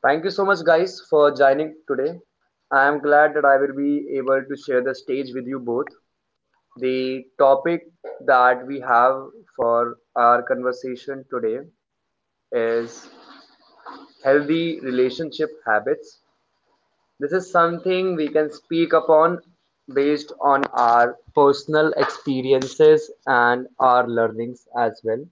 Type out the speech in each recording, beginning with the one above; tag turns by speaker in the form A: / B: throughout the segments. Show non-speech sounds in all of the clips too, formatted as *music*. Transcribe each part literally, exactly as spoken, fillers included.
A: Thank you so much, guys, for joining today. I am glad that I will be able to share the stage with you both. The topic that we have for our conversation today is healthy relationship habits. This is something we can speak upon based on our personal experiences and our learnings as well.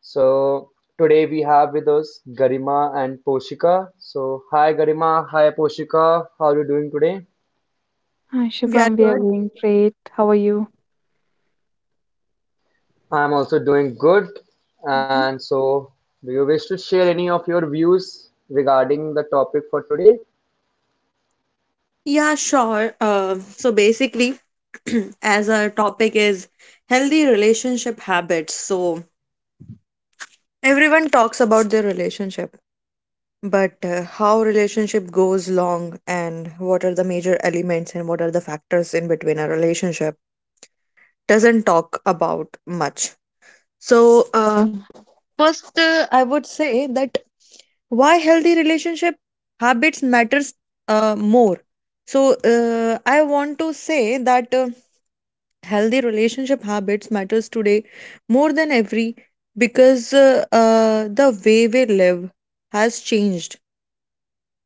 A: So today we have with us Garima and Poshika. So hi Garima, hi Poshika. How are you doing today?
B: Hi,
C: We are
B: Shubham. We are
C: good.
B: doing great. How are you?
A: I'm also doing good.
B: Hmm.
A: And so do you wish to share any of your views regarding the topic for today?
C: Yeah, sure. Uh, so basically, *clears throat* as our topic is healthy relationship habits, so everyone talks about their relationship, but uh, how relationship goes long and what are the major elements and what are the factors in between a relationship doesn't talk about much. So uh, first, uh, I would say that why healthy relationship habits matters uh, more. So uh, I want to say that. Um, healthy relationship habits matters today more than ever because uh, uh, the way we live has changed,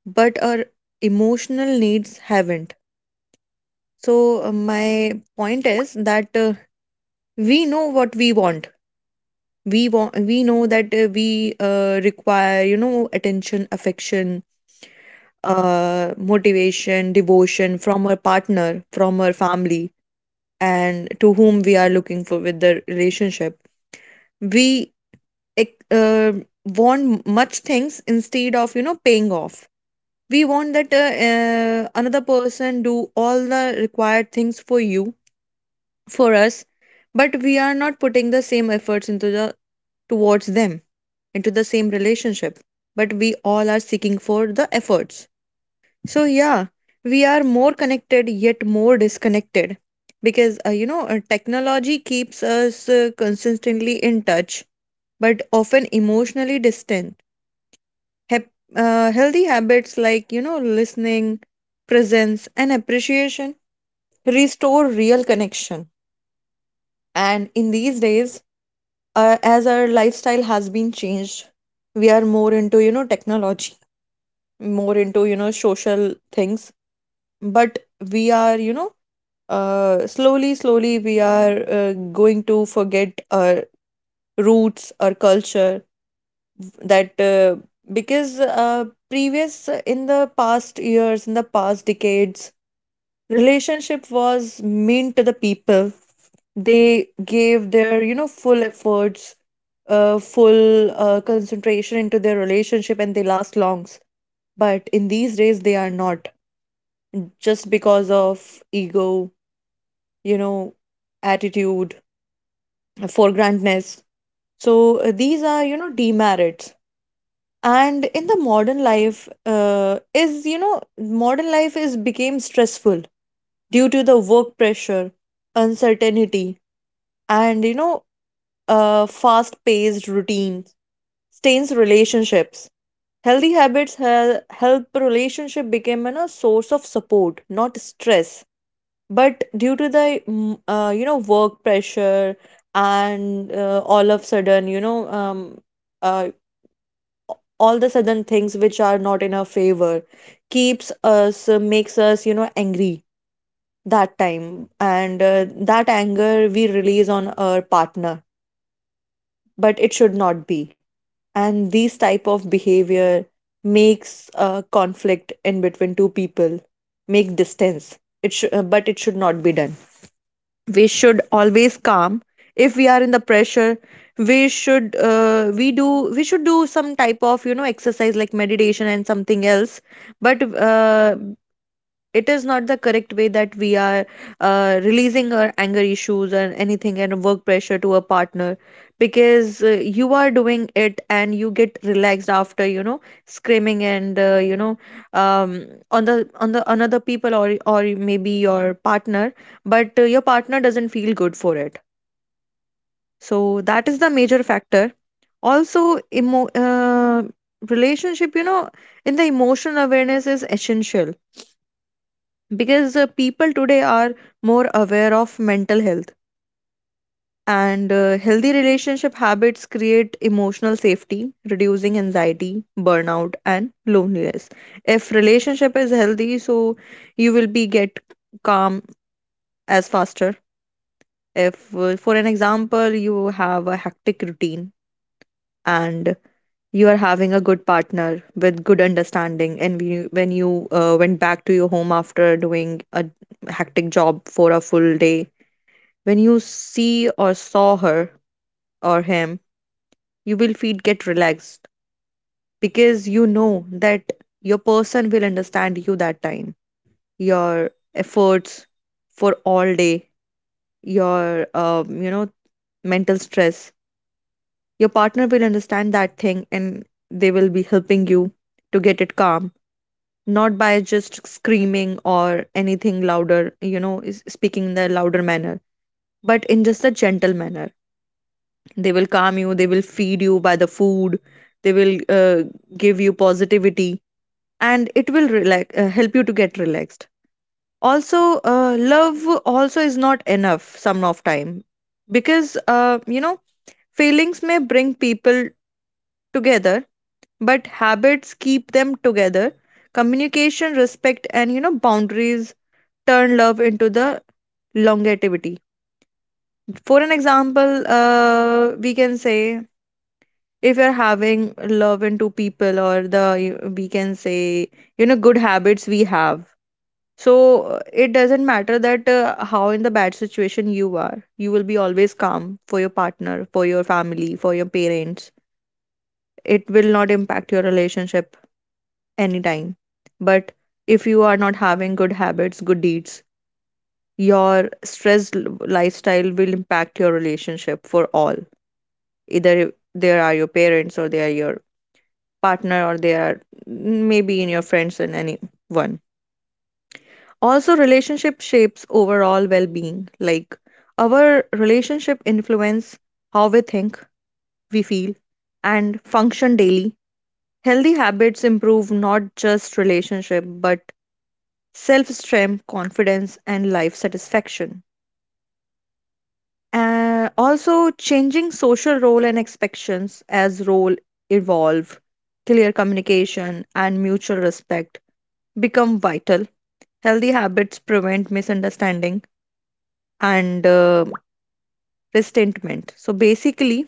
C: but our emotional needs haven't. So uh, my point is that uh, we know what we want. We want we know that uh, we uh, require, you know, attention, affection, uh, motivation, devotion from our partner, from our family, and to whom we are looking for with the relationship. We ex- uh, want much things instead of, you know, paying off. We want that uh, uh, another person do all the required things for you for us, but we are not putting the same efforts into the towards them into the same relationship, but we all are seeking for the efforts. So yeah, we are more connected yet more disconnected, because uh, you know, uh, technology keeps us uh, consistently in touch but often emotionally distant. Hep- uh, healthy habits like, you know, listening, presence, and appreciation restore real connection. And in these days, uh, as our lifestyle has been changed, we are more into, you know, technology, more into, you know, social things. But we are, you know, uh, slowly, slowly, we are uh, going to forget our roots, our culture, that uh, because uh, previous in the past years, in the past decades, relationship was mean to the people. They gave their, you know, full efforts, uh, full uh, concentration into their relationship, and they last longs, but in these days they are not, just because of ego, you know, attitude, for grandness. So uh, these are, you know, demerits. And in the modern life, uh, is you know modern life is became stressful due to the work pressure, uncertainty, and, you know, uh, fast paced routines stains relationships. Healthy habits hel- help relationship become a source of support, not stress. But due to the mm, uh, you know, work pressure and uh, all of sudden, you know, um, uh, all the sudden things which are not in our favor keeps us uh, makes us, you know, angry that time. And uh, that anger we release on our partner, but it should not be. And these type of behavior makes a conflict in between two people, make distance. It sh- uh, but it should not be done. We should always calm. If we are in the pressure, we should uh, we do we should do some type of, you know, exercise like meditation and something else. But uh, it is not the correct way that we are uh, releasing our anger issues and anything and work pressure to a partner, because uh, you are doing it and you get relaxed after, you know, screaming and, uh, you know, um, on the on the another people, or or maybe your partner. But uh, your partner doesn't feel good for it. So that is the major factor. Also, emo- uh, relationship, you know, in the emotional awareness is essential, because uh, people today are more aware of mental health, and uh, healthy relationship habits create emotional safety, reducing anxiety, burnout, and loneliness. If relationship is healthy, so you will be get calm as faster. If uh, for an example, you have a hectic routine, and you are having a good partner with good understanding, and when you, when you uh, went back to your home after doing a hectic job for a full day, when you see or saw her or him, you will feel get relaxed, because you know that your person will understand you that time, your efforts for all day, your um, you know, mental stress. Your partner will understand that thing, and they will be helping you to get it calm, not by just screaming or anything louder, you know, is speaking in the louder manner, but in just a gentle manner. They will calm you, they will feed you by the food, they will uh, give you positivity, and it will relax uh, help you to get relaxed. Also, uh, love also is not enough some of time, because uh, you know, feelings may bring people together, but habits keep them together. Communication, respect, and, you know, boundaries turn love into the longevity. For an example, uh, we can say, if you're having love into people, or the you- we can say, you know, good habits we have, so uh, it doesn't matter that uh, how in the bad situation you are, you will be always calm for your partner, for your family, for your parents. It will not impact your relationship anytime. But if you are not having good habits, good deeds, your stressed l- lifestyle will impact your relationship for all, either they are your parents, or they are your partner, or they are maybe in your friends and anyone. Also, relationship shapes overall well being. Like our relationship influence how we think, we feel, and function daily. Healthy habits improve not just relationship but self strength, confidence, and life satisfaction. Uh, also, changing social role and expectations, as role evolve, clear communication and mutual respect become vital. Healthy habits prevent misunderstanding and uh, resentment. So basically,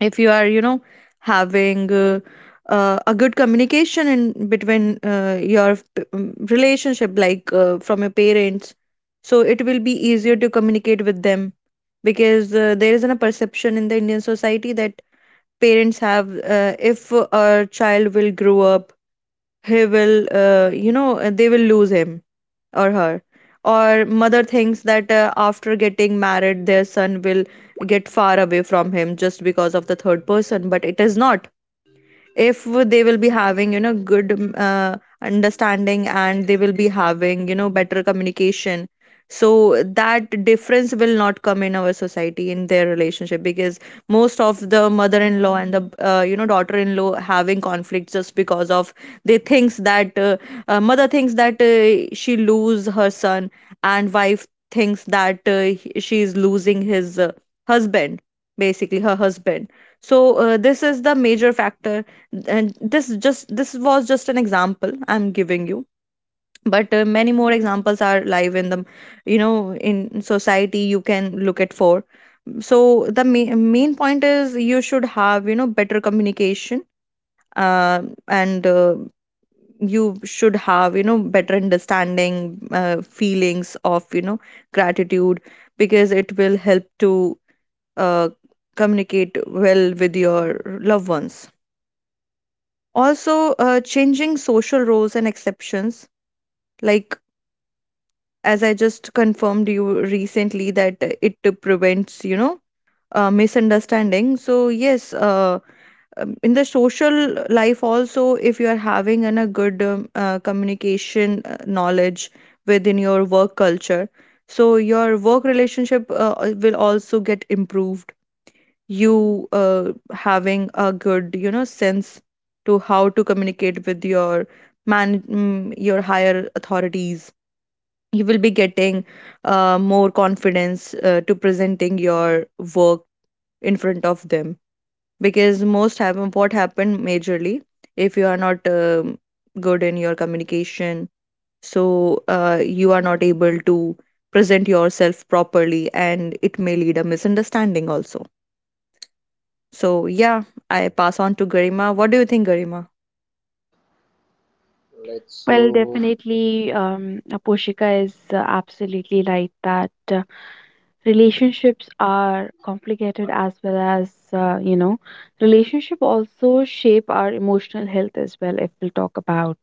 C: if you are, you know, having uh, uh, a good communication in between uh, your p- um, relationship, like uh, from your parents, so it will be easier to communicate with them, because uh, there is a perception in the Indian society that parents have, uh, if a child will grow up, he will, uh, you know uh, they will lose him or her. Or mother thinks that uh, after getting married their son will get far away from him, just because of the third person. But it is not. If they will be having, you know, good um, uh, understanding, and they will be having, you know, better communication, so that difference will not come in our society, in their relationship, because most of the mother-in-law and the, uh, you know, daughter-in-law having conflicts just because of they thinks that uh, uh, mother thinks that uh, she lose her son, and wife thinks that uh, he- she is losing his uh, husband, basically her husband. So uh, this is the major factor. And this is just this was just an example I'm giving you, but uh, many more examples are live in the, you know, in society you can look at for. So the ma- main point is you should have, you know, better communication, uh, and uh, you should have, you know, better understanding, uh, feelings of, you know, gratitude, because it will help to uh, communicate well with your loved ones. Also, uh, changing social roles and exceptions, like, as I just confirmed you recently, that it prevents, you know, uh, misunderstanding. So yes, uh, um, in the social life also, if you are having an, a good um, uh, communication, uh, knowledge within your work culture, so your work relationship uh, will also get improved. You uh, having a good, you know, sense to how to communicate with your man mm, your higher authorities, you will be getting uh, more confidence uh, to presenting your work in front of them, because most happen what happened majorly, if you are not um, good in your communication, so uh, you are not able to present yourself properly, and it may lead a misunderstanding also. So yeah, I pass on to Garima. What do you think, Garima?
A: Let's
B: Well,
A: so
B: definitely, um, Aposhika is uh, absolutely right that uh, relationships are complicated as well as, uh, you know, relationship also shape our emotional health as well, if we'll talk about.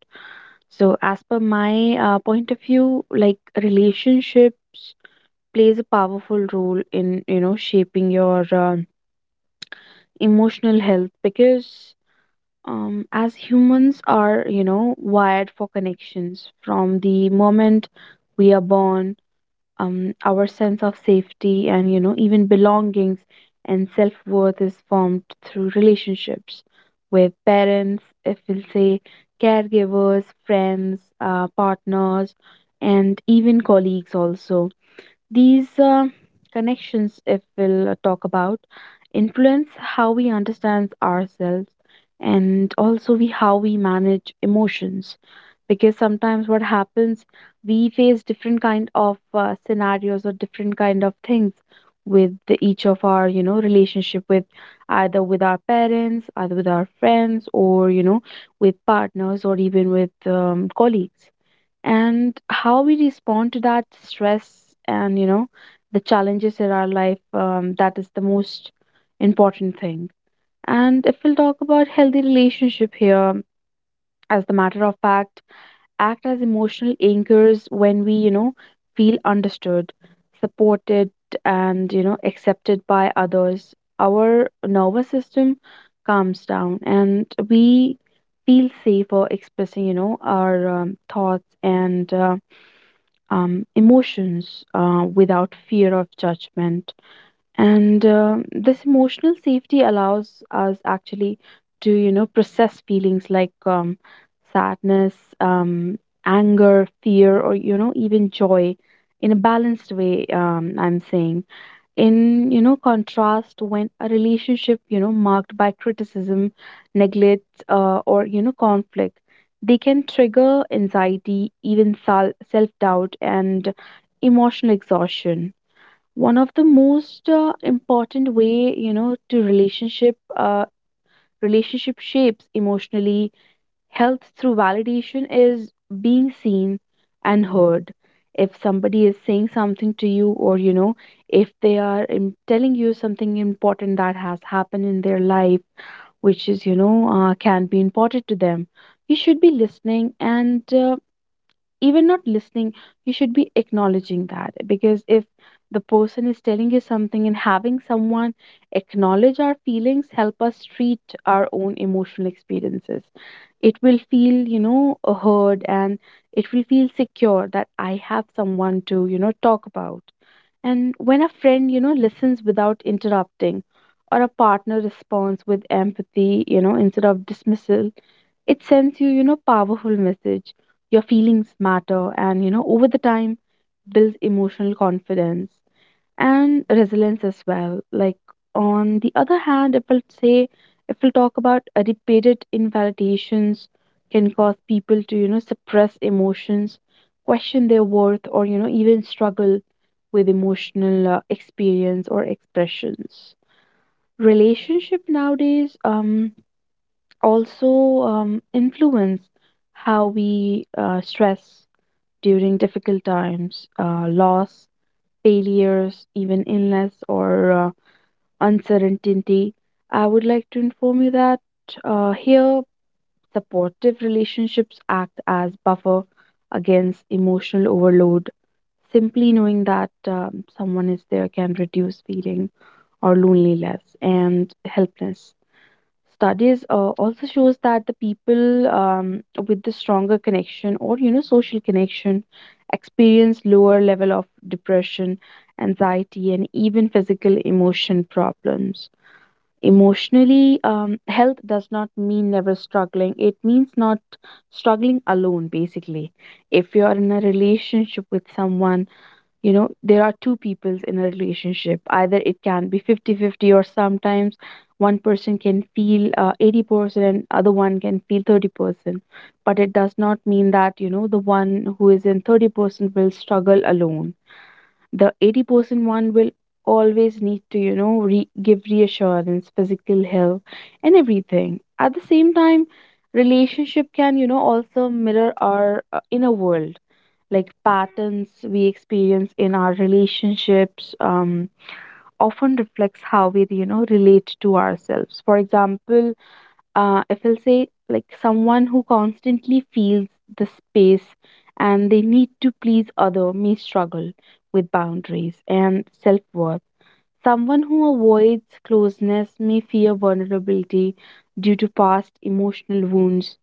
B: So, as per my uh, point of view, like relationships plays a powerful role in, you know, shaping your um emotional health because um, as humans are you know wired for connections from the moment we are born. Um, our sense of safety and you know even belongings and self-worth is formed through relationships with parents, if we'll say, caregivers, friends, uh, partners, and even colleagues also. These uh, connections, if we'll uh, talk about, influence how we understand ourselves and also we how we manage emotions. Because sometimes what happens, we face different kind of uh, scenarios or different kind of things with the, each of our you know relationship with either with our parents, either with our friends, or you know with partners or even with um, colleagues, and how we respond to that stress and you know the challenges in our life, um, that is the most important thing. And if we'll talk about healthy relationship here, as the matter of fact, act as emotional anchors when we you know feel understood, supported, and you know accepted by others, our nervous system calms down and we feel safer expressing you know our um, thoughts and uh, um, emotions uh, without fear of judgment. And um this emotional safety allows us actually to, you know, process feelings like um, sadness, um, anger, fear, or, you know, even joy in a balanced way. Um, I'm saying in you know contrast when a relationship you know marked by criticism, neglect, uh, or you know conflict, they can trigger anxiety, even sal- self-doubt and emotional exhaustion. One of the most uh, important way you know to relationship uh, relationship shapes emotionally health through validation is being seen and heard. If somebody is saying something to you, or you know, if they are um, telling you something important that has happened in their life, which is you know, uh, can be important to them, you should be listening and uh, even not listening, you should be acknowledging that. Because if the person is telling you something and having someone acknowledge our feelings, help us treat our own emotional experiences, it will feel you know heard, and it will feel secure that I have someone to you know talk about. And when a friend, you know, listens without interrupting, or a partner responds with empathy, you know, instead of dismissal, it sends you, you know, powerful message. Your feelings matter, and you know, over the time, builds emotional confidence and resilience as well. Like on the other hand, if we'll say, if we'll talk about uh, repeated invalidations can cause people to you know suppress emotions, question their worth, or you know even struggle with emotional uh, experience or expressions. Relationship nowadays, um, also um, influence how we uh, stress during difficult times, uh, loss, failures, even illness or uh, uncertainty. I would like to inform you that uh, here supportive relationships act as buffer against emotional overload. Simply knowing that um, someone is there can reduce feeling or loneliness and helplessness. Studies uh, also shows that the people um, with the stronger connection or you know social connection experience lower level of depression, anxiety, and even physical emotion problems. Emotionally, um, health does not mean never struggling. It means not struggling alone, basically. If you're in a relationship with someone, you know, there are two peoples in a relationship. Either it can be fifty fifty, or sometimes one person can feel uh, eighty percent and other one can feel thirty percent. But it does not mean that, you know, the one who is in thirty percent will struggle alone, the eighty percent one will always need to you know re- give reassurance, physical health, and everything at the same time. Relationship can you know also mirror our uh, inner world. Like patterns we experience in our relationships um, often reflects how we you know relate to ourselves. For example, uh, if I'll say, like someone who constantly feels the space and they need to please other may struggle with boundaries and self-worth. Someone who avoids closeness may fear vulnerability due to past emotional wounds,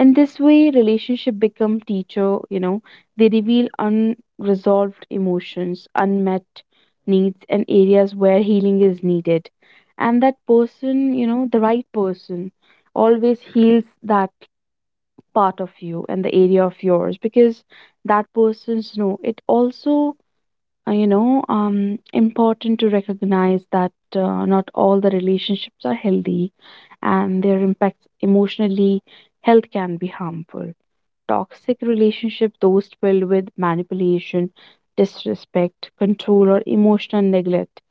B: and this way, relationship become teacher, you know, they reveal unresolved emotions, unmet needs, and areas where healing is needed. And that person, you know, the right person always heals that part of you and the area of yours, because that person's know it also uh, you know um important to recognize that uh, not all the relationships are healthy and their impacts emotionally health can be harmful. Toxic relationships, those filled with manipulation, disrespect, control, or emotional neglect,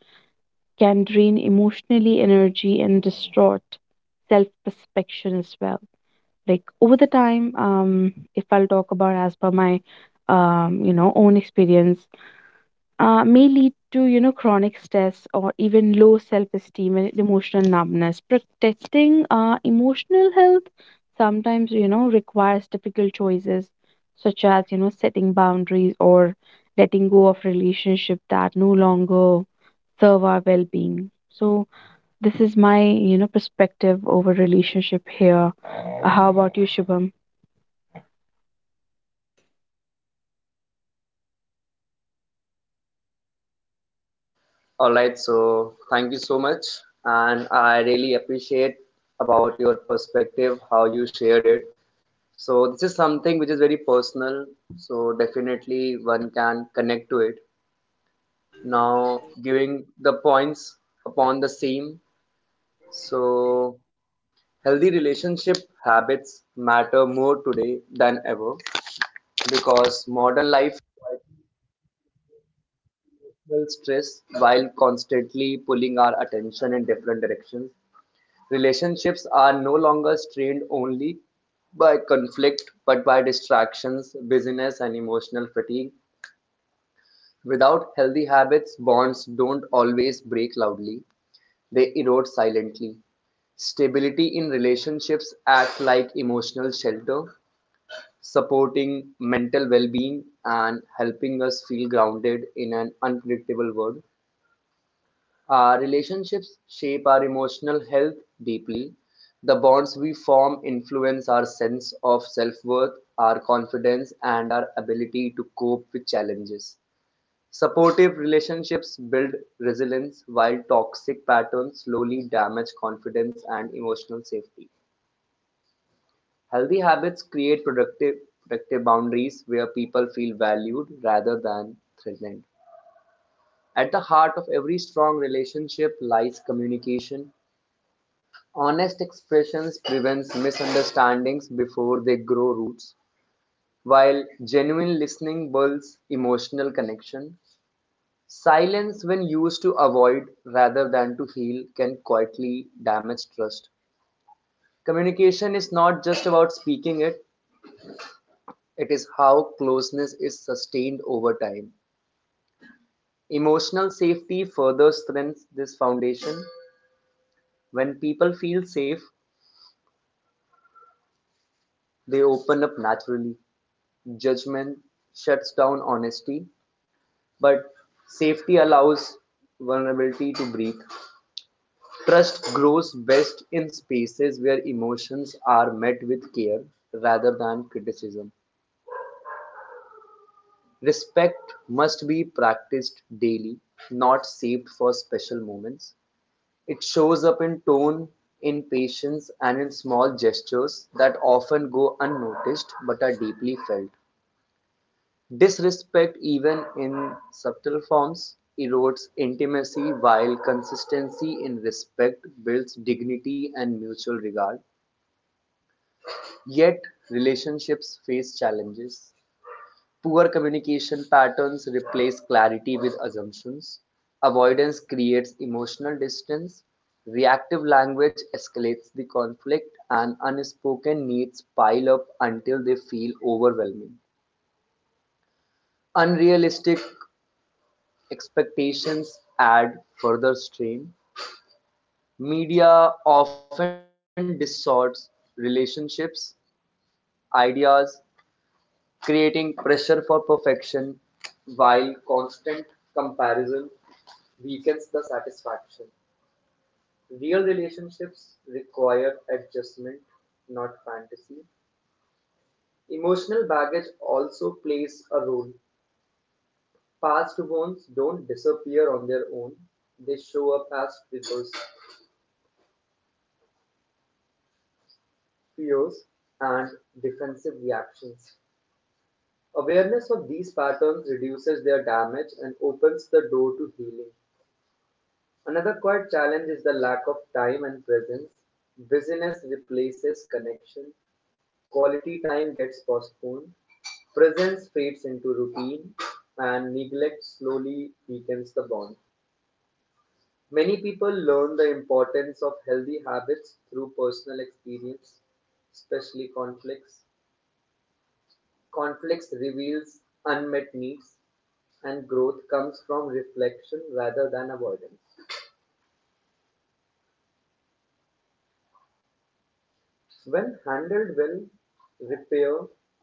B: can drain emotionally energy and distort self perception as well. Like over the time, um, if I'll talk about as per my um you know own experience, uh, may lead to you know chronic stress or even low self-esteem and emotional numbness. Protecting uh, emotional health sometimes you know requires difficult choices, such as you know setting boundaries or letting go of relationship that no longer serve our well-being. So this is my you know perspective over relationship here. Uh, how about you, Shubham?
A: All right, so thank you so much. And I really appreciate about your perspective, how you shared it. So this is something which is very personal. So definitely one can connect to it. Now giving the points upon the same, so healthy relationship habits matter more today than ever, because modern life requires stress while constantly pulling our attention in different directions. Relationships are no longer strained only by conflict, but by distractions, busyness, and emotional fatigue. Without healthy habits, bonds don't always break loudly. They erode silently. Stability in relationships act like emotional shelter, supporting mental well-being and helping us feel grounded in an unpredictable world. Our relationships shape our emotional health deeply. The bonds we form influence our sense of self-worth, our confidence, and our ability to cope with challenges. Supportive relationships build resilience, while toxic patterns slowly damage confidence and emotional safety. Healthy habits create productive, productive boundaries where people feel valued rather than threatened. At the heart of every strong relationship lies communication. Honest expressions prevents misunderstandings before they grow roots, while genuine listening builds emotional connection. Silence, when used to avoid rather than to heal, can quietly damage trust. Communication is not just about speaking it, it is how closeness is sustained over time. Emotional safety further strengthens this foundation. When people feel safe, they open up naturally. Judgment shuts down honesty, but safety allows vulnerability to breathe. Trust grows best in spaces where emotions are met with care rather than criticism. Respect must be practiced daily, not saved for special moments. It shows up in tone, in patience, and in small gestures that often go unnoticed but are deeply felt. Disrespect, even in subtle forms, erodes intimacy, while consistency in respect builds dignity and mutual regard. Yet, relationships face challenges. Poor communication patterns replace clarity with assumptions. Avoidance creates emotional distance. Reactive language escalates the conflict, and unspoken needs pile up until they feel overwhelming. Unrealistic expectations add further strain. Media often distorts relationships, ideas, creating pressure for perfection, while constant comparison weakens the satisfaction. Real relationships require adjustment, not fantasy. Emotional baggage also plays a role. Past wounds don't disappear on their own, they show up as triggers, fears, and defensive reactions. Awareness of these patterns reduces their damage and opens the door to healing. Another quite challenge is the lack of time and presence. Busyness replaces connection, quality time gets postponed, presence fades into routine, and neglect slowly weakens the bond. Many people learn the importance of healthy habits through personal experience, especially conflicts. Conflicts reveals unmet needs, and growth comes from reflection rather than avoidance. When handled well, repair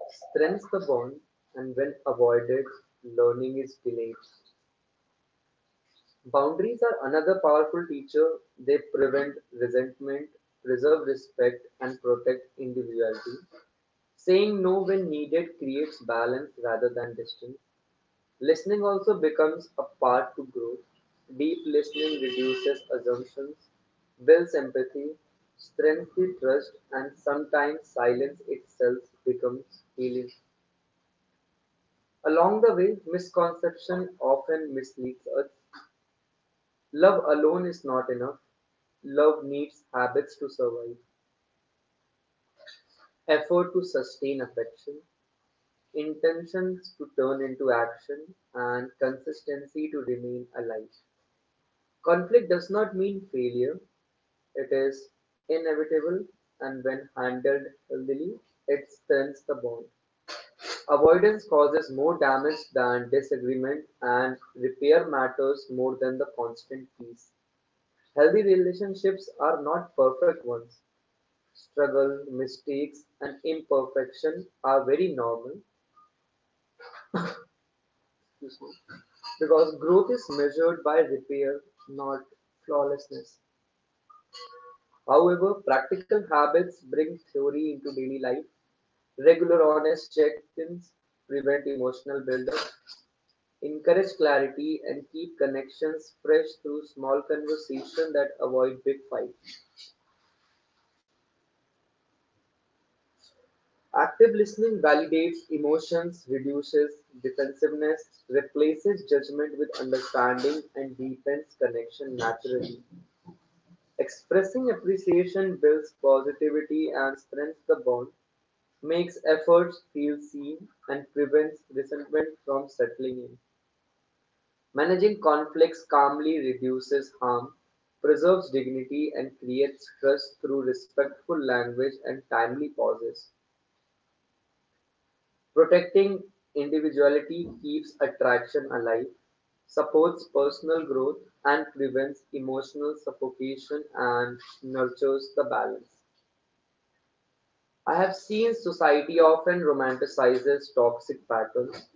A: strengthens the bond, and when avoided, learning is delayed. Boundaries are another powerful teacher. They prevent resentment, preserve respect, and protect individuality. Saying no when needed creates balance rather than distance. Listening also becomes a part to growth. Deep listening reduces assumptions, builds empathy, strengthens the trust, and sometimes silence itself becomes healing. Along the way, misconception often misleads us. Love alone is not enough. Love needs habits to survive, effort to sustain affection, intentions to turn into action, and consistency to remain alive. Conflict does not mean failure, it is inevitable, and when handled healthily, it strengthens the bond. Avoidance causes more damage than disagreement, and repair matters more than the constant peace. Healthy relationships are not perfect ones. Struggle, mistakes, and imperfection are very normal because growth is measured by repair, not flawlessness. However, practical habits bring theory into daily life. Regular honest check-ins prevent emotional buildup, encourage clarity, and keep connections fresh through small conversation that avoid big fights. Active listening validates emotions, reduces defensiveness, replaces judgment with understanding, and deepens connection naturally. Expressing appreciation builds positivity and strengthens the bond. Makes efforts feel seen and prevents resentment from settling in. Managing conflicts calmly reduces harm, preserves dignity, and creates trust through respectful language and timely pauses. Protecting individuality keeps attraction alive, supports personal growth, and prevents emotional suffocation and nurtures the balance. I have seen society often romanticizes toxic patterns.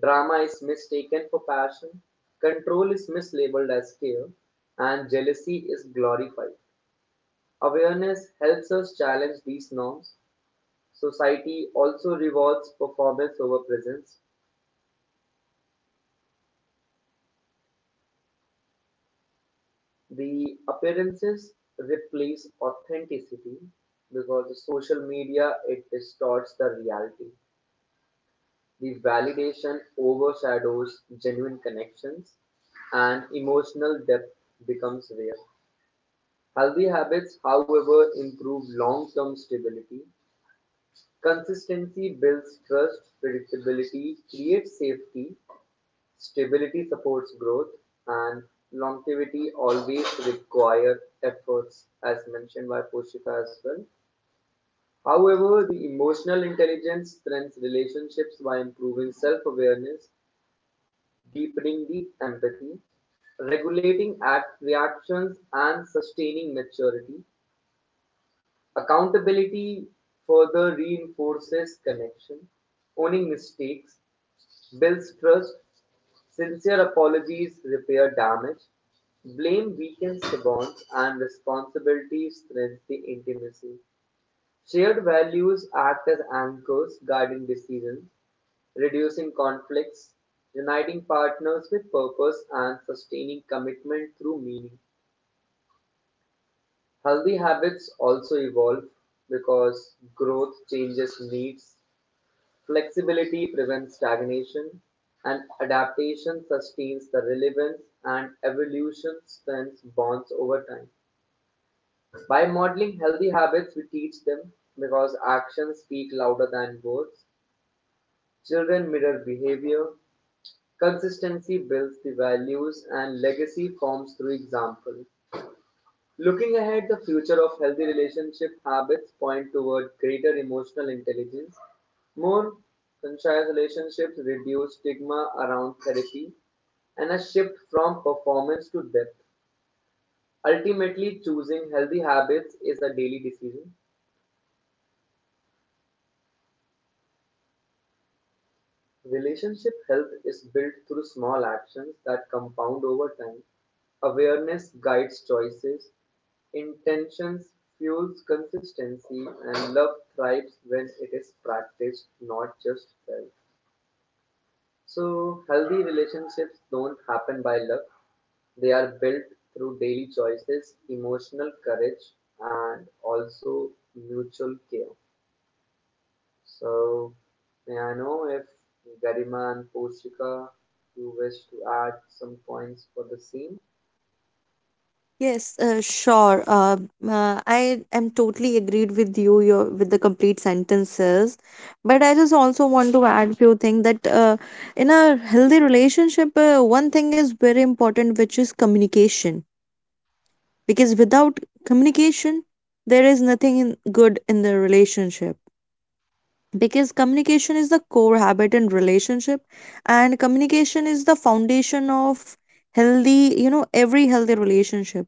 A: Drama is mistaken for passion, control is mislabeled as care, and jealousy is glorified. Awareness helps us challenge these norms. Society also rewards performance over presence. The appearances replace authenticity because the social media it distorts the reality. The validation overshadows genuine connections and emotional depth becomes rare. Healthy habits, however, improve long-term stability. Consistency builds trust, predictability creates safety, stability supports growth, and longevity always require efforts, as mentioned by Poshika as well. However, the emotional intelligence strengthens relationships by improving self-awareness, deepening the empathy, regulating act reactions, and sustaining maturity. Accountability further reinforces connection; owning mistakes builds trust; sincere apologies repair damage; blame weakens the bonds and responsibility strengthens the intimacy. Shared values act as anchors guiding decisions, reducing conflicts, uniting partners with purpose, and sustaining commitment through meaning. Healthy habits also evolve because growth changes needs, flexibility prevents stagnation, and adaptation sustains the relevance and evolution strengthens bonds over time. By modeling healthy habits, we teach them because actions speak louder than words. Children mirror behavior. Consistency builds the values and legacy forms through example. Looking ahead, the future of healthy relationship habits point toward greater emotional intelligence, more conscious relationships, reduced stigma around therapy, and a shift from performance to depth. Ultimately, choosing healthy habits is a daily decision. Relationship health is built through small actions that compound over time. Awareness guides choices, intentions fuels consistency, and love thrives when it is practiced, not just felt. So, healthy relationships don't happen by luck, they are built through daily choices, emotional courage, and also mutual care. So, may I know if Garima and Poshika, you wish to add some points for the scene?
C: Yes, uh, sure. Uh, uh, I am totally agreed with you your, with the complete sentences, but I just also want to add few things that, uh, in a healthy relationship, uh, one thing is very important, which is communication. Because without communication, there is nothing in, good in the relationship. Because communication is the core habit in relationship, and communication is the foundation of healthy, you know, every healthy relationship.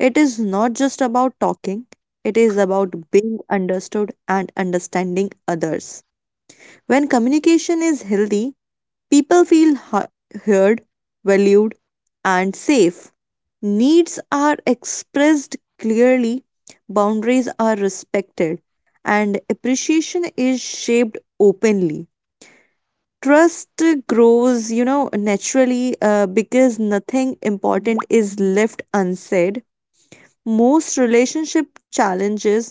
C: It is not just about talking, it is about being understood and understanding others. When communication is healthy, people feel hu- heard, valued, and safe. Needs are expressed clearly, boundaries are respected, and appreciation is shaped openly. Trust grows, you know, naturally, uh, because nothing important is left unsaid. Most relationship challenges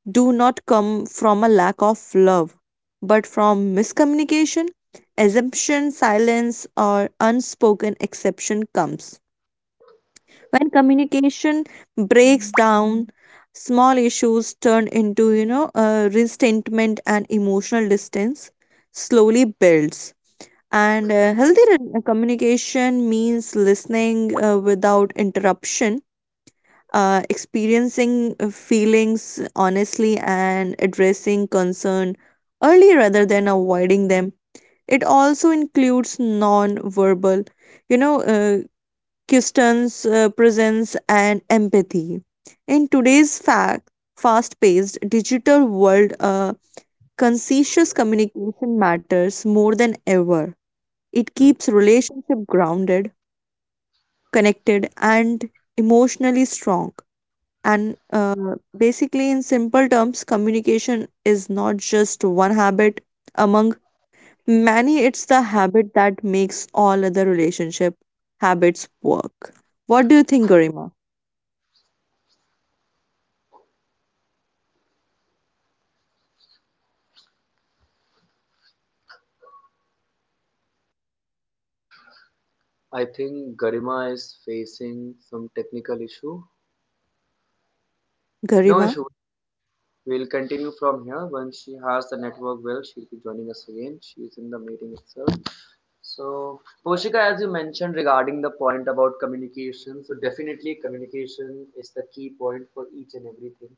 C: do not come from a lack of love, but from miscommunication, assumption, silence, or unspoken exception comes. When communication breaks down, small issues turn into, you know, uh, resentment, and emotional distance slowly builds. And uh, healthy re- communication means listening uh, without interruption, uh, experiencing uh, feelings honestly, and addressing concern early rather than avoiding them. It also includes non-verbal, you know, uh, questions, uh, presence, and empathy. In today's fact, fast-paced digital world, uh, conscientious communication matters more than ever. It keeps relationship grounded, connected, and emotionally strong and uh, basically, in simple terms, communication is not just one habit among many, it's the habit that makes all other relationship habits work. What do you think, Garima?
A: I think Garima is facing some technical issue. No
C: Garima?
A: issue. We'll continue from here. Once she has the network well, she'll be joining us again. She's in the meeting itself. So, Poshika, as you mentioned regarding the point about communication, so definitely communication is the key point for each and everything.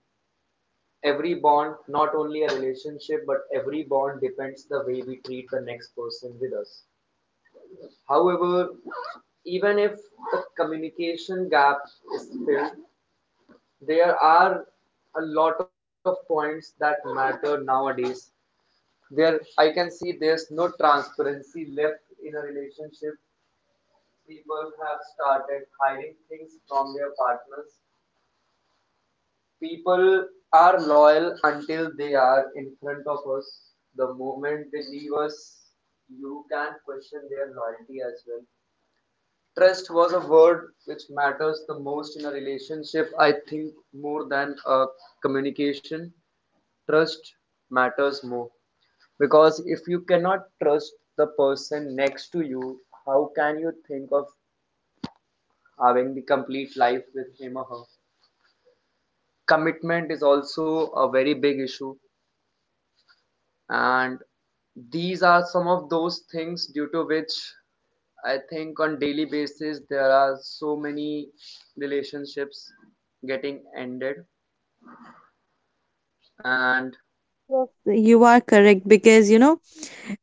A: Every bond, not only a relationship, but every bond depends the way we treat the next person with us. However, even if the communication gap is filled, there are a lot of points that matter nowadays. There, I can see there's no transparency left in a relationship. People have started hiding things from their partners. People are loyal until they are in front of us. The moment they leave us, you can question their loyalty as well. Trust was a word which matters the most in a relationship, I think, more than a communication. Trust matters more because if you cannot trust the person next to you, how can you think of having the complete life with him or her? Commitment is also a very big issue, and these are some of those things due to which I think on daily basis there are so many relationships getting ended. And
C: Yes, you are correct because you know,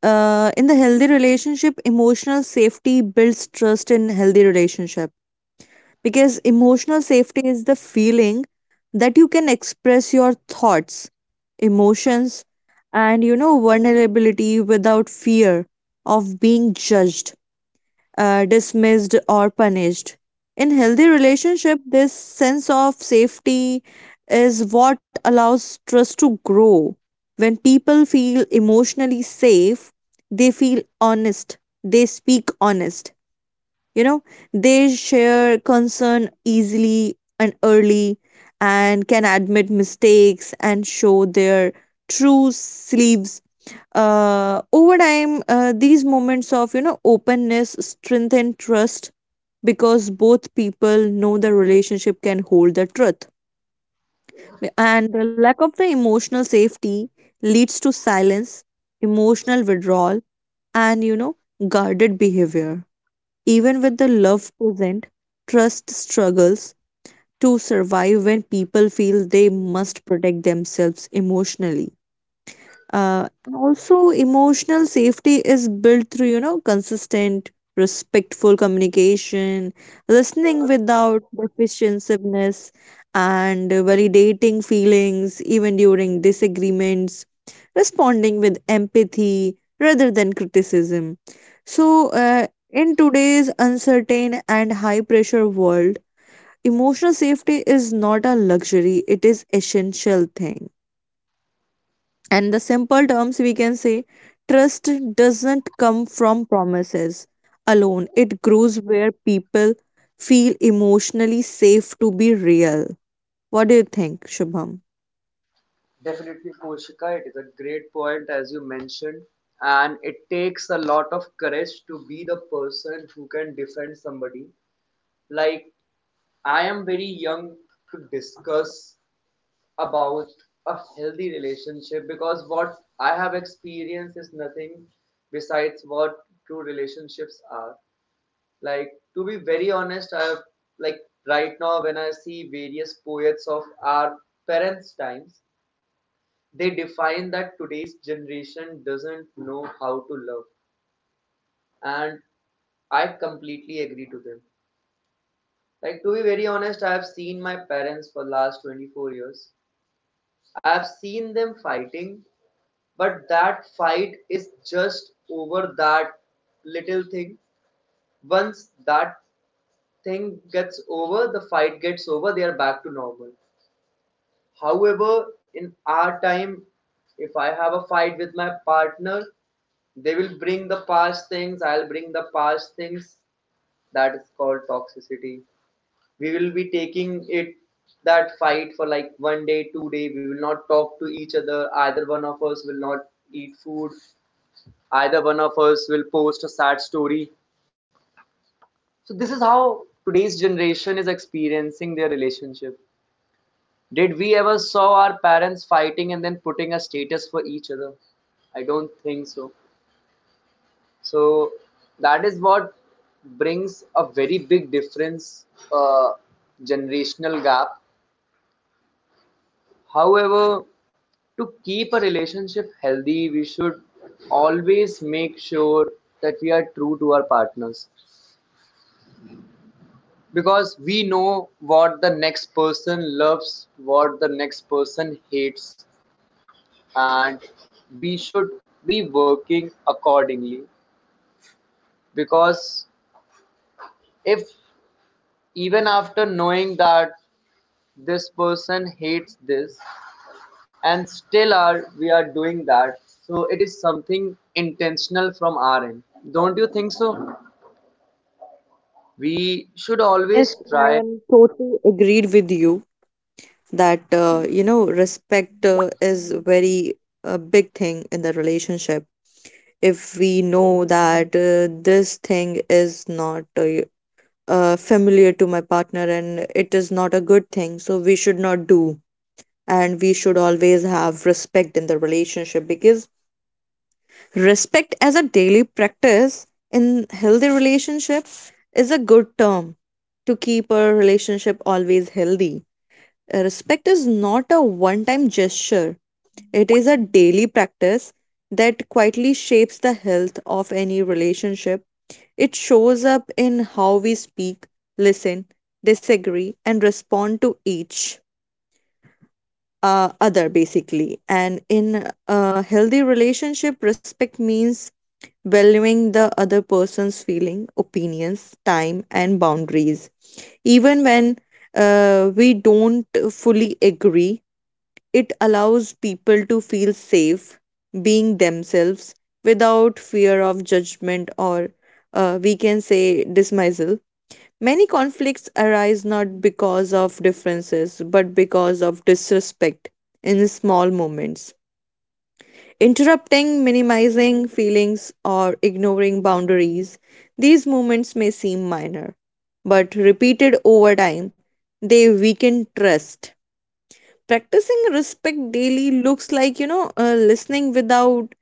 C: uh, in the healthy relationship, emotional safety builds trust in healthy relationship because emotional safety is the feeling that you can express your thoughts, emotions, and, you know, vulnerability without fear of being judged, uh, dismissed, or punished. In healthy relationship, this sense of safety is what allows trust to grow. When people feel emotionally safe, they feel honest, they speak honest you know, they share concern easily and early and can admit mistakes and show their true sleeves. Uh, over time, uh, these moments of, you know, openness strengthen trust because both people know the relationship can hold the truth. And the lack of the emotional safety leads to silence, emotional withdrawal, and, you know, guarded behavior. Even with the love present, trust struggles to survive when people feel they must protect themselves emotionally, uh, and also emotional safety is built through, you know consistent respectful communication, listening without defensiveness, and validating feelings even during disagreements, responding with empathy rather than criticism. So uh, in today's uncertain and high pressure world, emotional safety is not a luxury, it is essential thing. And the simple terms we can say trust doesn't come from promises alone, it grows where people feel emotionally safe to be real. What do you think, Shubham?
A: definitely, Koshika, it is a great point as you mentioned, and it takes a lot of courage to be the person who can defend somebody. Like, I am very young to discuss about a healthy relationship because what I have experienced is nothing besides what true relationships are. Like, to be very honest, I have, like, right now when I see various poets of our parents' times, they define that today's generation doesn't know how to love. And I completely agree to them. Like, to be very honest, I have seen my parents for last twenty-four years. I have seen them fighting. But that fight is just over that little thing. Once that thing gets over, the fight gets over, they are back to normal. However, in our time, if I have a fight with my partner, they will bring the past things, I'll bring the past things. That is called toxicity. We will be taking it that fight for like one day, two day. We will not talk to each other. Either one of us will not eat food. Either one of us will post a sad story. So this is how today's generation is experiencing their relationship. Did we ever saw our parents fighting and then putting a status for each other? I don't think so. So that is what brings a very big difference, uh, generational gap. However, to keep a relationship healthy, we should always make sure that we are true to our partners. Because we know what the next person loves, what the next person hates, and we should be working accordingly. Because if even after knowing that this person hates this, and still are we are doing that, so it is something intentional from our end. Don't you think so? We should
C: Yes,
A: always
C: i
A: try.
C: am totally agreed with you that uh, you know, respect uh, is very a big thing in the relationship. If we know that uh, this thing is not uh, uh, familiar to my partner and it is not a good thing, so we should not do, and we should always have respect in the relationship because respect as a daily practice in healthy relationship is a good term to keep a relationship always healthy. Uh, Respect is not a one time gesture, it is a daily practice that quietly shapes the health of any relationship. It shows up in how we speak, listen, disagree, and respond to each uh, other. Basically, and in a healthy relationship, respect means valuing the other person's feeling, opinions, time, and boundaries even when uh, we don't fully agree. It allows people to feel safe being themselves without fear of judgment or, uh, we can say, dismissal. Many conflicts arise not because of differences, but because of disrespect in small moments. Interrupting, minimizing feelings, or ignoring boundaries, these movements may seem minor, but repeated over time, they weaken trust. Practicing respect daily looks like, you know, uh, listening without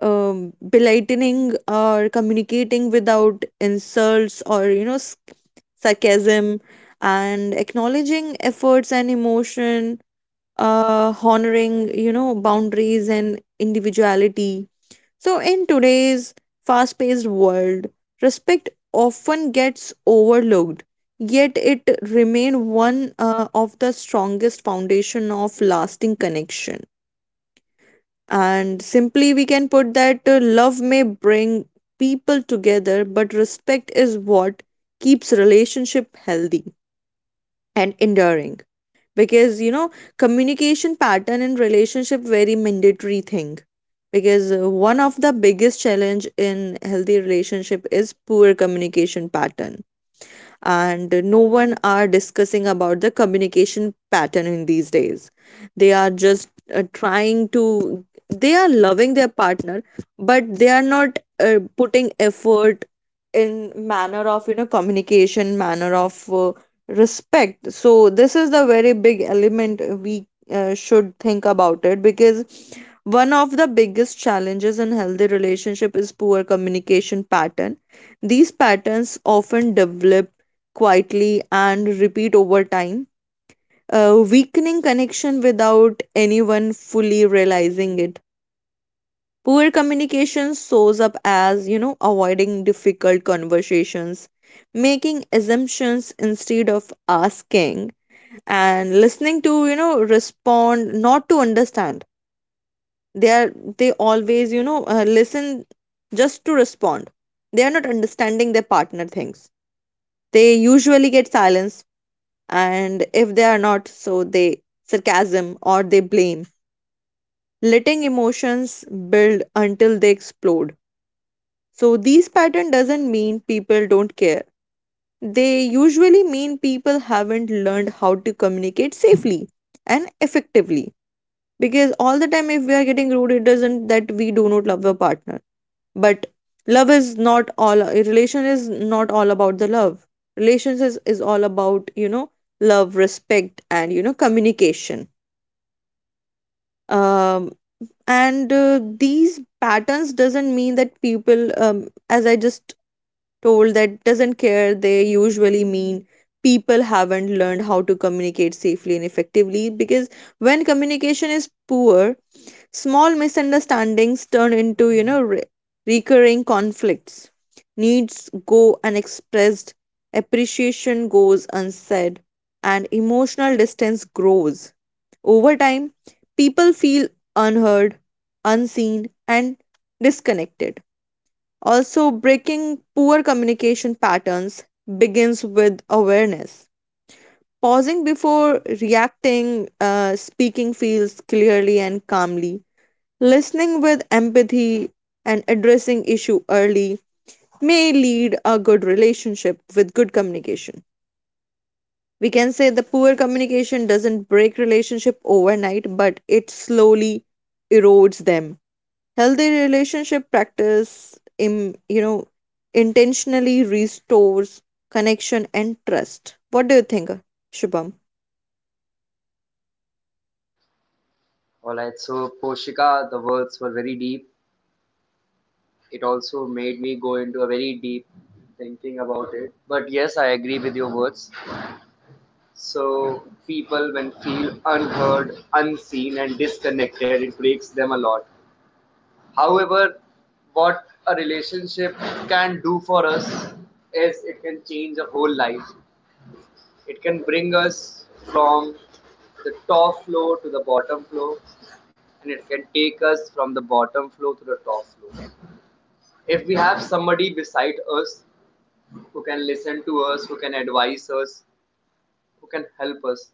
C: um, belittling, or communicating without insults or, you know s- sarcasm, and acknowledging efforts and emotion, uh, honoring, you know boundaries and individuality. So in today's fast paced world, respect often gets overlooked, yet it remain one uh, of the strongest foundation of lasting connection. And simply, we can put that uh, love may bring people together, but respect is what keeps relationship healthy and enduring. Because, you know, communication pattern in relationship very mandatory thing. Because uh, one of the biggest challenge in healthy relationship is poor communication pattern, and no one are discussing about the communication pattern in these days. They are just uh, trying to, they are loving their partner, but they are not uh, putting effort in manner of, you know, communication, manner of, uh, respect. So this is the very big element we uh, should think about it, because one of the biggest challenges in healthy relationship is poor communication pattern. These patterns often develop quietly and repeat over time, uh, weakening connection without anyone fully realizing it. Poor communication shows up as, you know, avoiding difficult conversations, making assumptions instead of asking, and listening to, you know, respond, not to understand. They are, they always, you know, uh, listen just to respond. They are not understanding their partner things. They usually get silence, and if they are not, so they sarcasm or they blame, letting emotions build until they explode. So these pattern doesn't mean people don't care. They usually mean people haven't learned how to communicate safely and effectively. Because all the time if we are getting rude, it doesn't that we do not love our partner. But love is not all, relation is not all about the love. Relations is, is all about, you know, love, respect, and, you know, communication. Um, and uh, These patterns doesn't mean that people, um, as i just told, that doesn't care. They usually mean people haven't learned how to communicate safely and effectively, because when communication is poor, small misunderstandings turn into, you know re- recurring conflicts, needs go unexpressed, appreciation goes unsaid, and emotional distance grows. Over time, people feel unheard, unseen, and disconnected. Also, breaking poor communication patterns begins with awareness. Pausing before reacting, uh, speaking feels clearly and calmly. Listening with empathy and addressing issue early may lead a good relationship with good communication. We can say the poor communication doesn't break relationship overnight, but it slowly erodes them. Healthy relationship practice, im, you know, intentionally restores connection and trust. What do you think, Shubham?
A: All right, so Poshika, the words were very deep. It also made me go into a very deep thinking about it. But yes, I agree with your words. So people when feel unheard, unseen and disconnected, it breaks them a lot. However, what a relationship can do for us is it can change a whole life. It can bring us from the top floor to the bottom floor and it can take us from the bottom floor to the top floor. If we have somebody beside us who can listen to us, who can advise us, who can help us.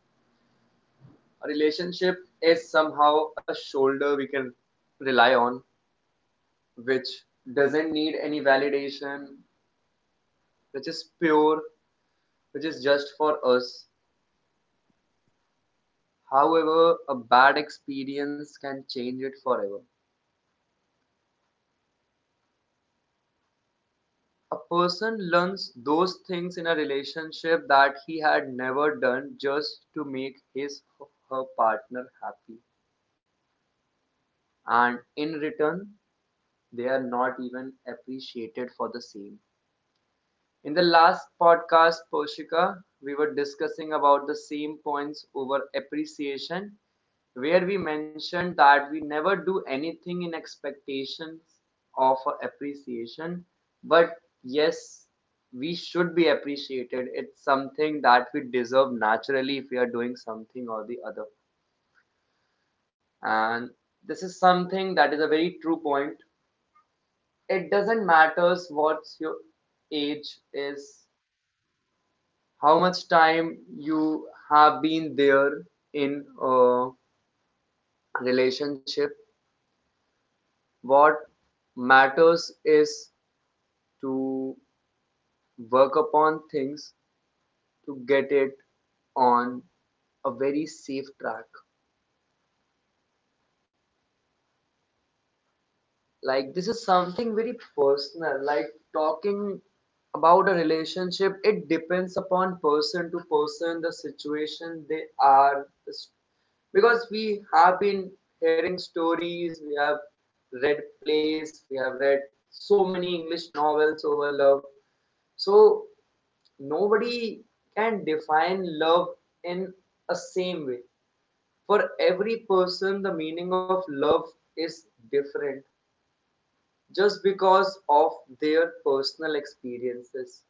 A: A relationship is somehow a shoulder we can rely on, which doesn't need any validation, which is pure, which is just for us. However, a bad experience can change it forever. A person learns those things in a relationship that he had never done just to make his or her partner happy. And in return, they are not even appreciated for the same. In the last podcast, Poshika, we were discussing about the same points over appreciation, where we mentioned that we never do anything in expectations of appreciation, but yes, we should be appreciated. It's something that we deserve naturally if we are doing something or the other. And this is something that is a very true point. It doesn't matter what your age is, how much time you have been there in a relationship. What matters is to work upon things to get it on a very safe track. Like this is something very personal, like talking about a relationship, it depends upon person to person, the situation they are. Because we have been hearing stories, we have read plays, we have read so many English novels over love. So nobody can define love in a same way. For every person the meaning of love is different, just because of their personal experiences.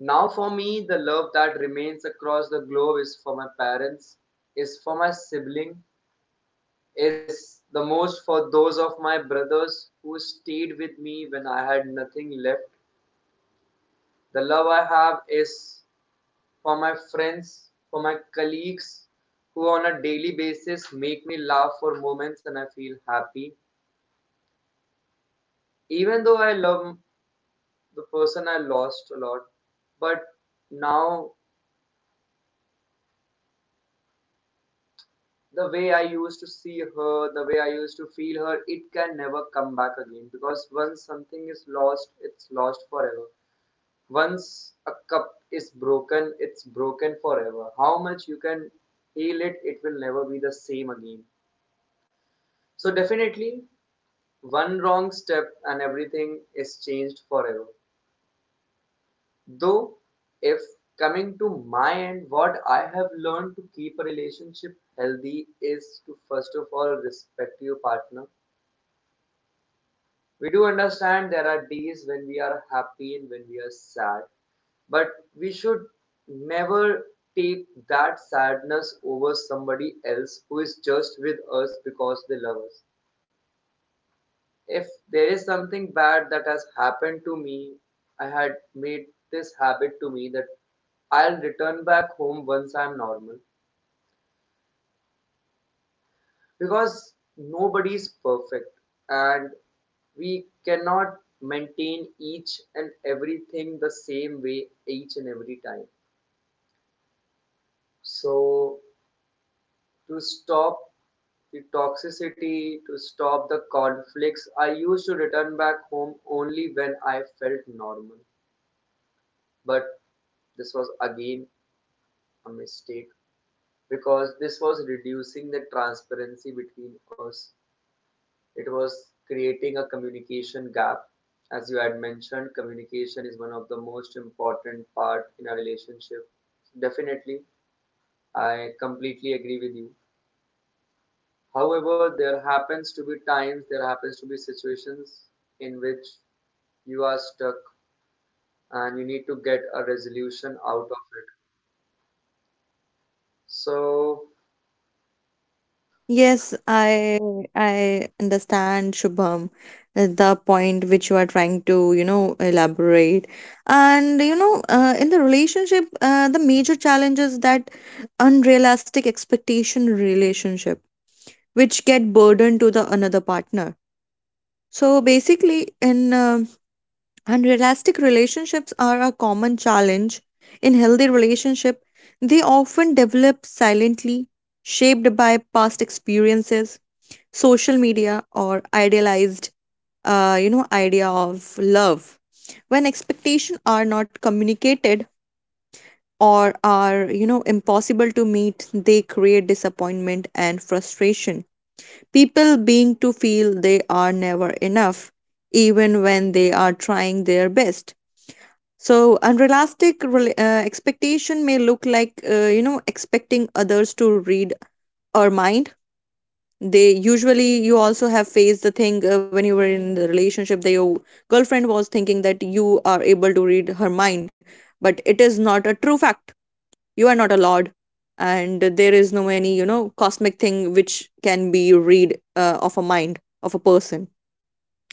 A: Now, for me, the love that remains across the globe is for my parents, is for my sibling, is the most for those of my brothers who stayed with me when I had nothing left. The love I have is for my friends, for my colleagues who on a daily basis make me laugh for moments and I feel happy. Even though I love the person I lost a lot. But now, the way I used to see her, the way I used to feel her, it can never come back again because once something is lost, it's lost forever. Once a cup is broken, it's broken forever. How much you can heal it, it will never be the same again. So, definitely, one wrong step and everything is changed forever. Though, if coming to my end, what I have learned to keep a relationship healthy is to first of all respect your partner. We do understand there are days when we are happy and when we are sad, but we should never take that sadness over somebody else who is just with us because they love us. If there is something bad that has happened to me, I had made this habit to me that I'll return back home once I'm normal because nobody's perfect and we cannot maintain each and everything the same way each and every time. So, to stop the toxicity, to stop the conflicts, I used to return back home only when I felt normal. But this was again a mistake because this was reducing the transparency between us. It was creating a communication gap. As you had mentioned, communication is one of the most important part in a relationship. Definitely, I completely agree with you. However, there happens to be times, there happens to be situations in which you are stuck and you need to get a resolution out of it. So,
C: Yes, I I understand, Shubham, uh, the point which you are trying to, you know, elaborate. And, you know, uh, in the relationship, uh, the major challenge is that unrealistic expectation relationship, which get burdened to the another partner. So basically, in uh, unrealistic relationships are a common challenge. In healthy relationship, they often develop silently, shaped by past experiences, social media, or idealized, uh, you know idea of love. When expectations are not communicated or are, you know impossible to meet, they create disappointment and frustration. People being to feel they are never enough even when they are trying their best. So unrealistic rela- uh, expectation may look like, uh, you know expecting others to read our mind. They usually, you also have faced the thing, uh, when you were in the relationship, that your girlfriend was thinking that you are able to read her mind, but it is not a true fact. You are not a lord, and there is no any, you know cosmic thing which can be read uh, of a mind of a person.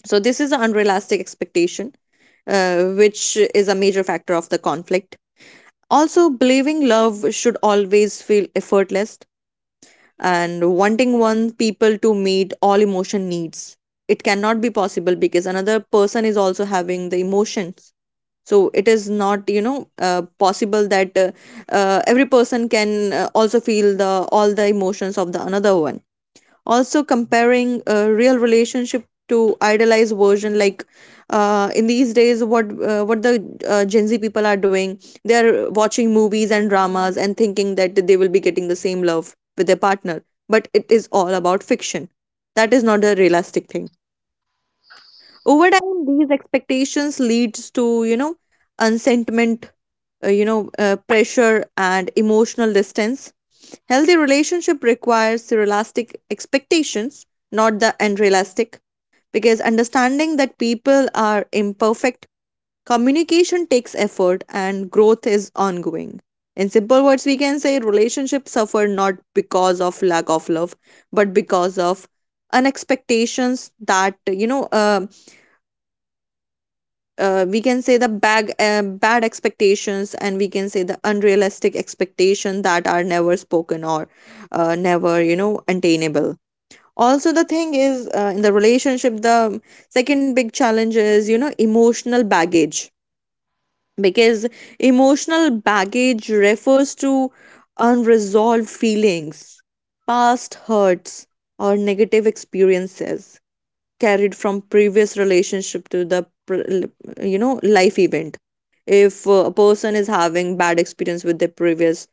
C: So this is an unrealistic expectation uh, which is a major factor of the conflict. Also, believing love should always feel effortless, and wanting one people to meet all emotion needs, it cannot be possible because another person is also having the emotions. So it is not, you know uh, possible that uh, uh, every person can uh, also feel the all the emotions of the another one. Also comparing a real relationship to idealized version, like, uh, in these days what uh, what the uh, gen z people are doing, they are watching movies and dramas and thinking that they will be getting the same love with their partner, but it is all about fiction. That is not a realistic thing. Over time these expectations leads to, you know unsentiment, uh, you know uh, pressure and emotional distance. Healthy relationship requires realistic expectations, not the unrealistic, because understanding that people are imperfect, communication takes effort, and growth is ongoing. In simple words, we can say relationships suffer not because of lack of love, but because of unexpectations that, you know uh, uh, we can say the bag, uh, bad expectations, and we can say the unrealistic expectation that are never spoken or uh, never, you know attainable. Also the thing is, uh, in the relationship, the second big challenge is, you know emotional baggage, because emotional baggage refers to unresolved feelings, past hurts, or negative experiences carried from previous relationship to the pr- you know life event. If uh, a person is having bad experience with their previous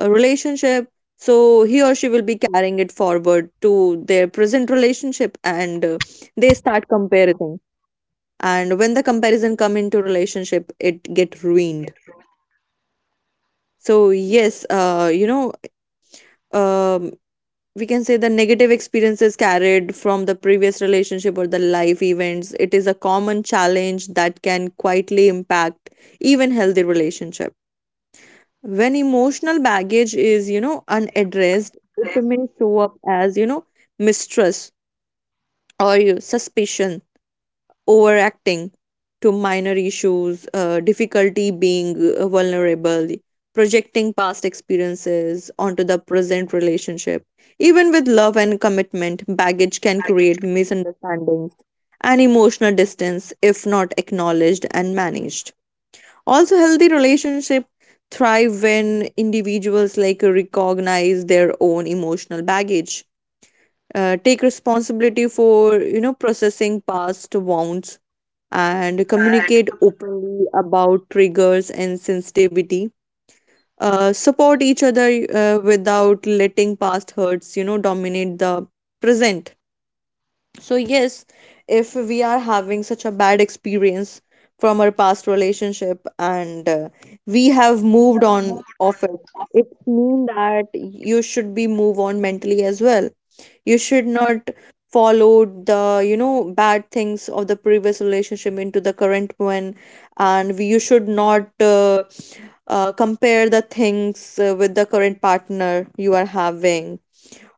C: uh, relationship, so he or she will be carrying it forward to their present relationship, and uh, they start comparing, and when the comparison come into relationship, it get ruined.
A: it's
C: So yes, uh, you know um we can say the negative experiences carried from the previous relationship or the life events, it is a common challenge that can quietly impact even healthy relationship. When emotional baggage is, you know unaddressed,
A: less
C: it may show up as, you know mistrust or you- suspicion, overacting to minor issues, uh, difficulty being uh, vulnerable, projecting past experiences onto the present relationship. Even with love and commitment, baggage can
A: baggage.
C: create misunderstandings and emotional distance if not acknowledged and managed. Also, healthy relationships thrive when individuals like recognize their own emotional baggage, uh, take responsibility for, you know processing past wounds, and communicate openly about triggers and sensitivity. Uh, support each other uh, without letting past hurts, you know, dominate the present. So, yes, if we are having such a bad experience from our past relationship and uh, we have moved on of it, it means that you should be move on mentally as well. You should not follow the, you know, bad things of the previous relationship into the current one. And we- you should not uh, uh, compare the things uh, with the current partner you are having.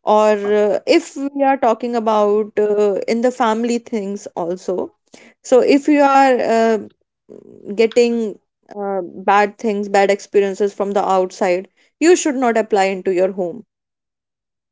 C: Or uh, if we are talking about uh, in the family things also. So if you are uh, getting uh, bad things, bad experiences from the outside, you should not apply into your home,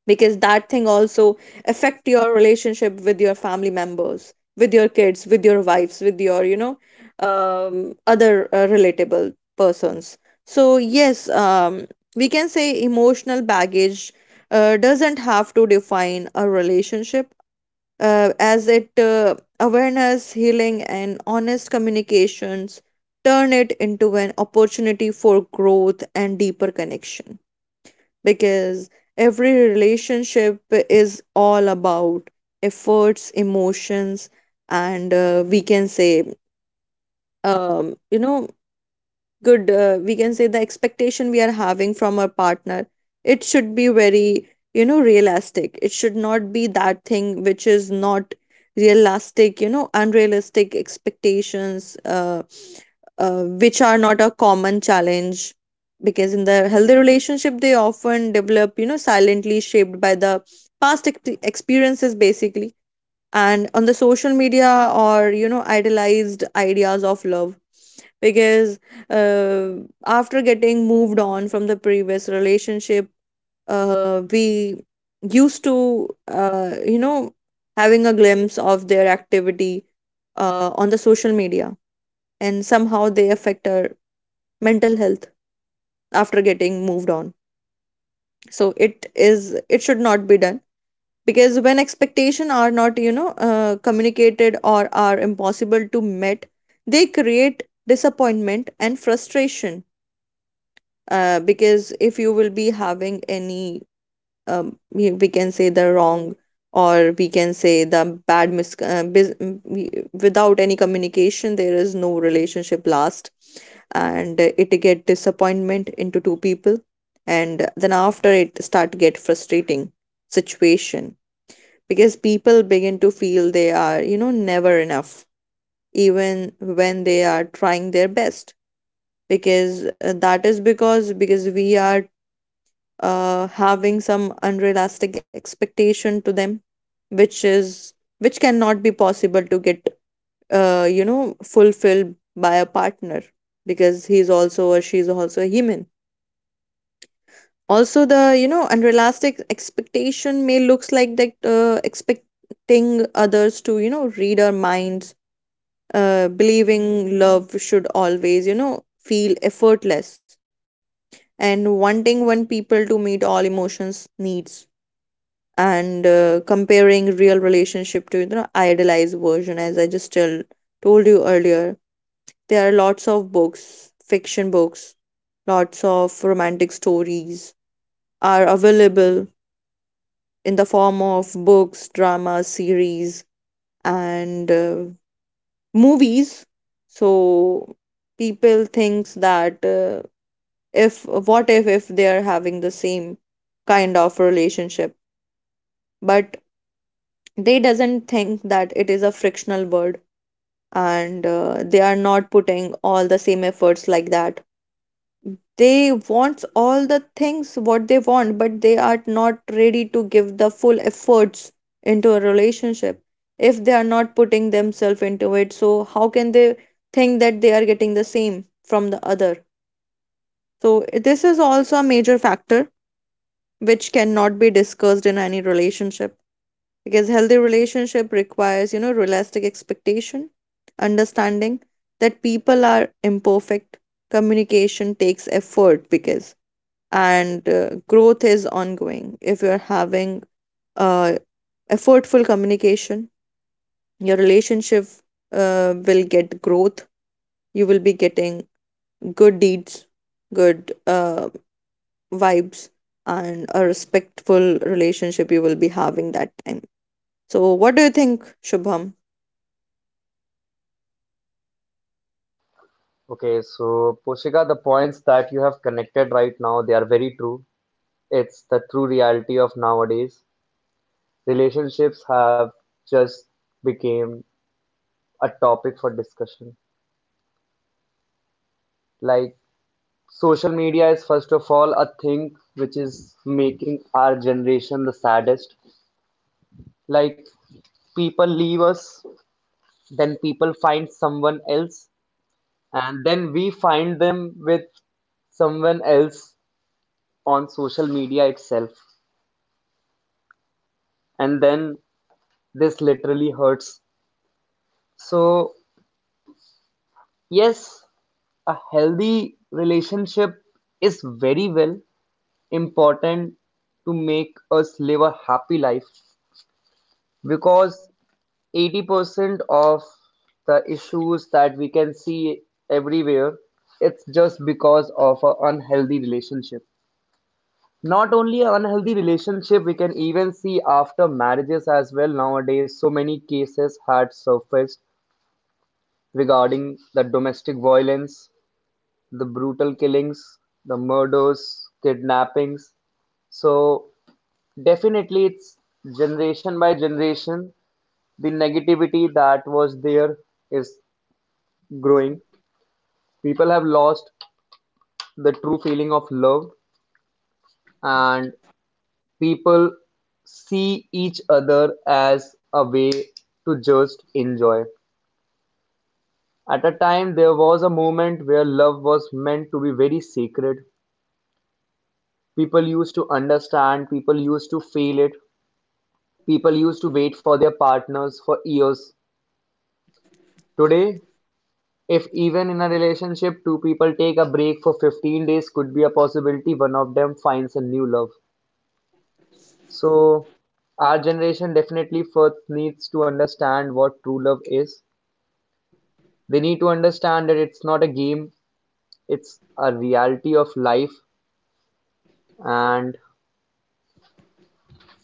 C: because that thing also affect your relationship with your family members, with your kids, with your wives, with your you know um, other uh, relatable persons. So yes, um, we can say emotional baggage uh, doesn't have to define a relationship, uh, as it uh, awareness, healing and honest communications turn it into an opportunity for growth and deeper connection, because every relationship is all about efforts, emotions, and uh, we can say, um, you know, good, uh, we can say the expectation we are having from our partner, it should be very, you know, realistic. It should not be that thing which is not realistic, you know, unrealistic expectations uh, uh, which are not a common challenge, because in the healthy relationship they often develop, you know, silently shaped by the past ex- experiences basically, and on the social media or, you know, idealized ideas of love. Because uh, after getting moved on from the previous relationship, uh, we used to, uh, you know having a glimpse of their activity uh, on the social media, and somehow they affect our mental health after getting moved on. So it is it should not be done, because when expectations are not, you know, uh, communicated or are impossible to met, they create disappointment and frustration. Uh, because if you will be having any, um, we we can say the wrong, or we can say the bad mis- uh, bis- m- we- without any communication there is no relationship last. And uh, it get disappointment into two people, and then after it start get frustrating situation, because people begin to feel they are, you know, never enough, even when they are trying their best. Because uh, that is because because we are uh, having some unrealistic expectation to them, which is which cannot be possible to get, uh, you know, fulfilled by a partner, because he's also or she's also a human. Also, the, you know, unrealistic expectation may looks like that, uh, expecting others to, you know, read our minds, uh, believing love should always, you know, feel effortless, and wanting when people to meet all emotions needs, and uh, comparing real relationship to, you know, idealized version, as i just tell, told you earlier. There are lots of books, fiction books, lots of romantic stories are available in the form of books, drama series, and uh, movies. So people thinks that uh, if what if if they are having the same kind of relationship, but they doesn't think that it is a frictional word, and uh, they are not putting all the same efforts like that. They wants all the things what they want, but they are not ready to give the full efforts into a relationship. If they are not putting themselves into it, so how can they think that they are getting the same from the other? So this is also a major factor which cannot be discussed in any relationship, because healthy relationship requires, you know, realistic expectation, understanding that people are imperfect, communication takes effort, because and uh, growth is ongoing. If you're having uh, effortful communication, your relationship uh, will get growth. You will be getting good deeds, good, uh, vibes, and a respectful relationship you will be having that time. So, what do you think, Shubham?
A: Okay, so Poshika, the points that you have connected right now, they are very true. It's the true reality of nowadays. Relationships have just became a topic for discussion. Like social media is first of all a thing which is making our generation the saddest. Like people leave us, then people find someone else, and then we find them with someone else on social media itself. And then this literally hurts. So, yes, a healthy relationship is very well important to make us live a happy life because eighty percent of the issues that we can see everywhere, it's just because of an unhealthy relationship. Not only an unhealthy relationship, we can even see after marriages as well. Nowadays so many cases had surfaced regarding the domestic violence, the brutal killings, the murders, kidnappings. So definitely it's generation by generation the negativity that was there is growing. People have lost the true feeling of love and people see each other as a way to just enjoy. At a time, there was a moment where love was meant to be very sacred. People used to understand, people used to feel it, people used to wait for their partners for years. Today, if even in a relationship, two people take a break for fifteen days, could be a possibility one of them finds a new love. So, our generation definitely first needs to understand what true love is. They need to understand that it's not a game, it's a reality of life, and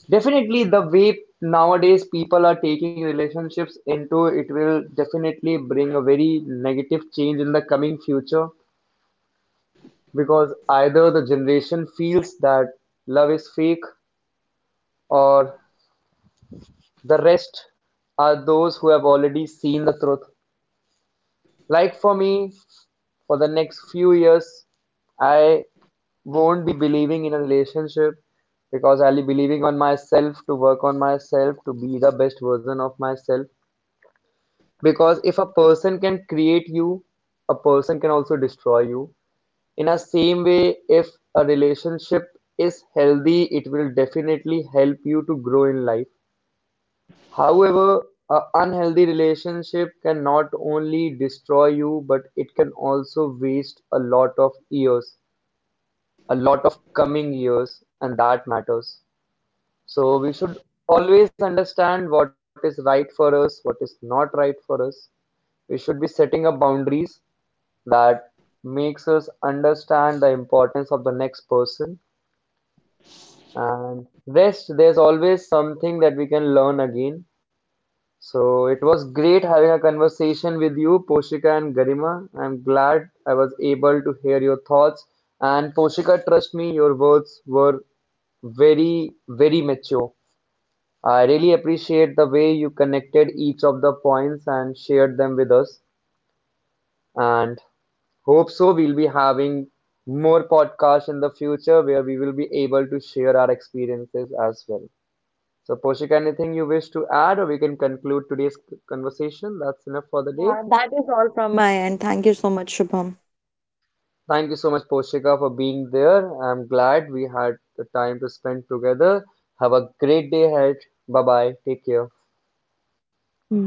A: definitely the way nowadays people are taking relationships into it will definitely bring a very negative change in the coming future because either the generation feels that love is fake or the rest are those who have already seen the truth. Like for me, for the next few years, I won't be believing in a relationship because I'll be believing on myself to work on myself to be the best version of myself. Because if a person can create you, a person can also destroy you. In a same way, if a relationship is healthy, it will definitely help you to grow in life. However, an unhealthy relationship can not only destroy you, but it can also waste a lot of years, a lot of coming years, and that matters. So we should always understand what is right for us, what is not right for us. We should be setting up boundaries that makes us understand the importance of the next person and rest there's always something that we can learn again. So it was great having a conversation with you, Poshika and Garima. I'm glad I was able to hear your thoughts. And Poshika, trust me, your words were very, very mature. I really appreciate the way you connected each of the points and shared them with us. And hope so, we'll be having more podcasts in the future where we will be able to share our experiences as well. So, Poshika, anything you wish to add, or we can conclude today's conversation? That's enough for the day.
C: Uh, that is all from my end. Thank you so much, Shubham.
A: Thank you so much, Poshika, for being there. I'm glad we had the time to spend together. Have a great day ahead. Bye bye. Take care.
C: Bye bye.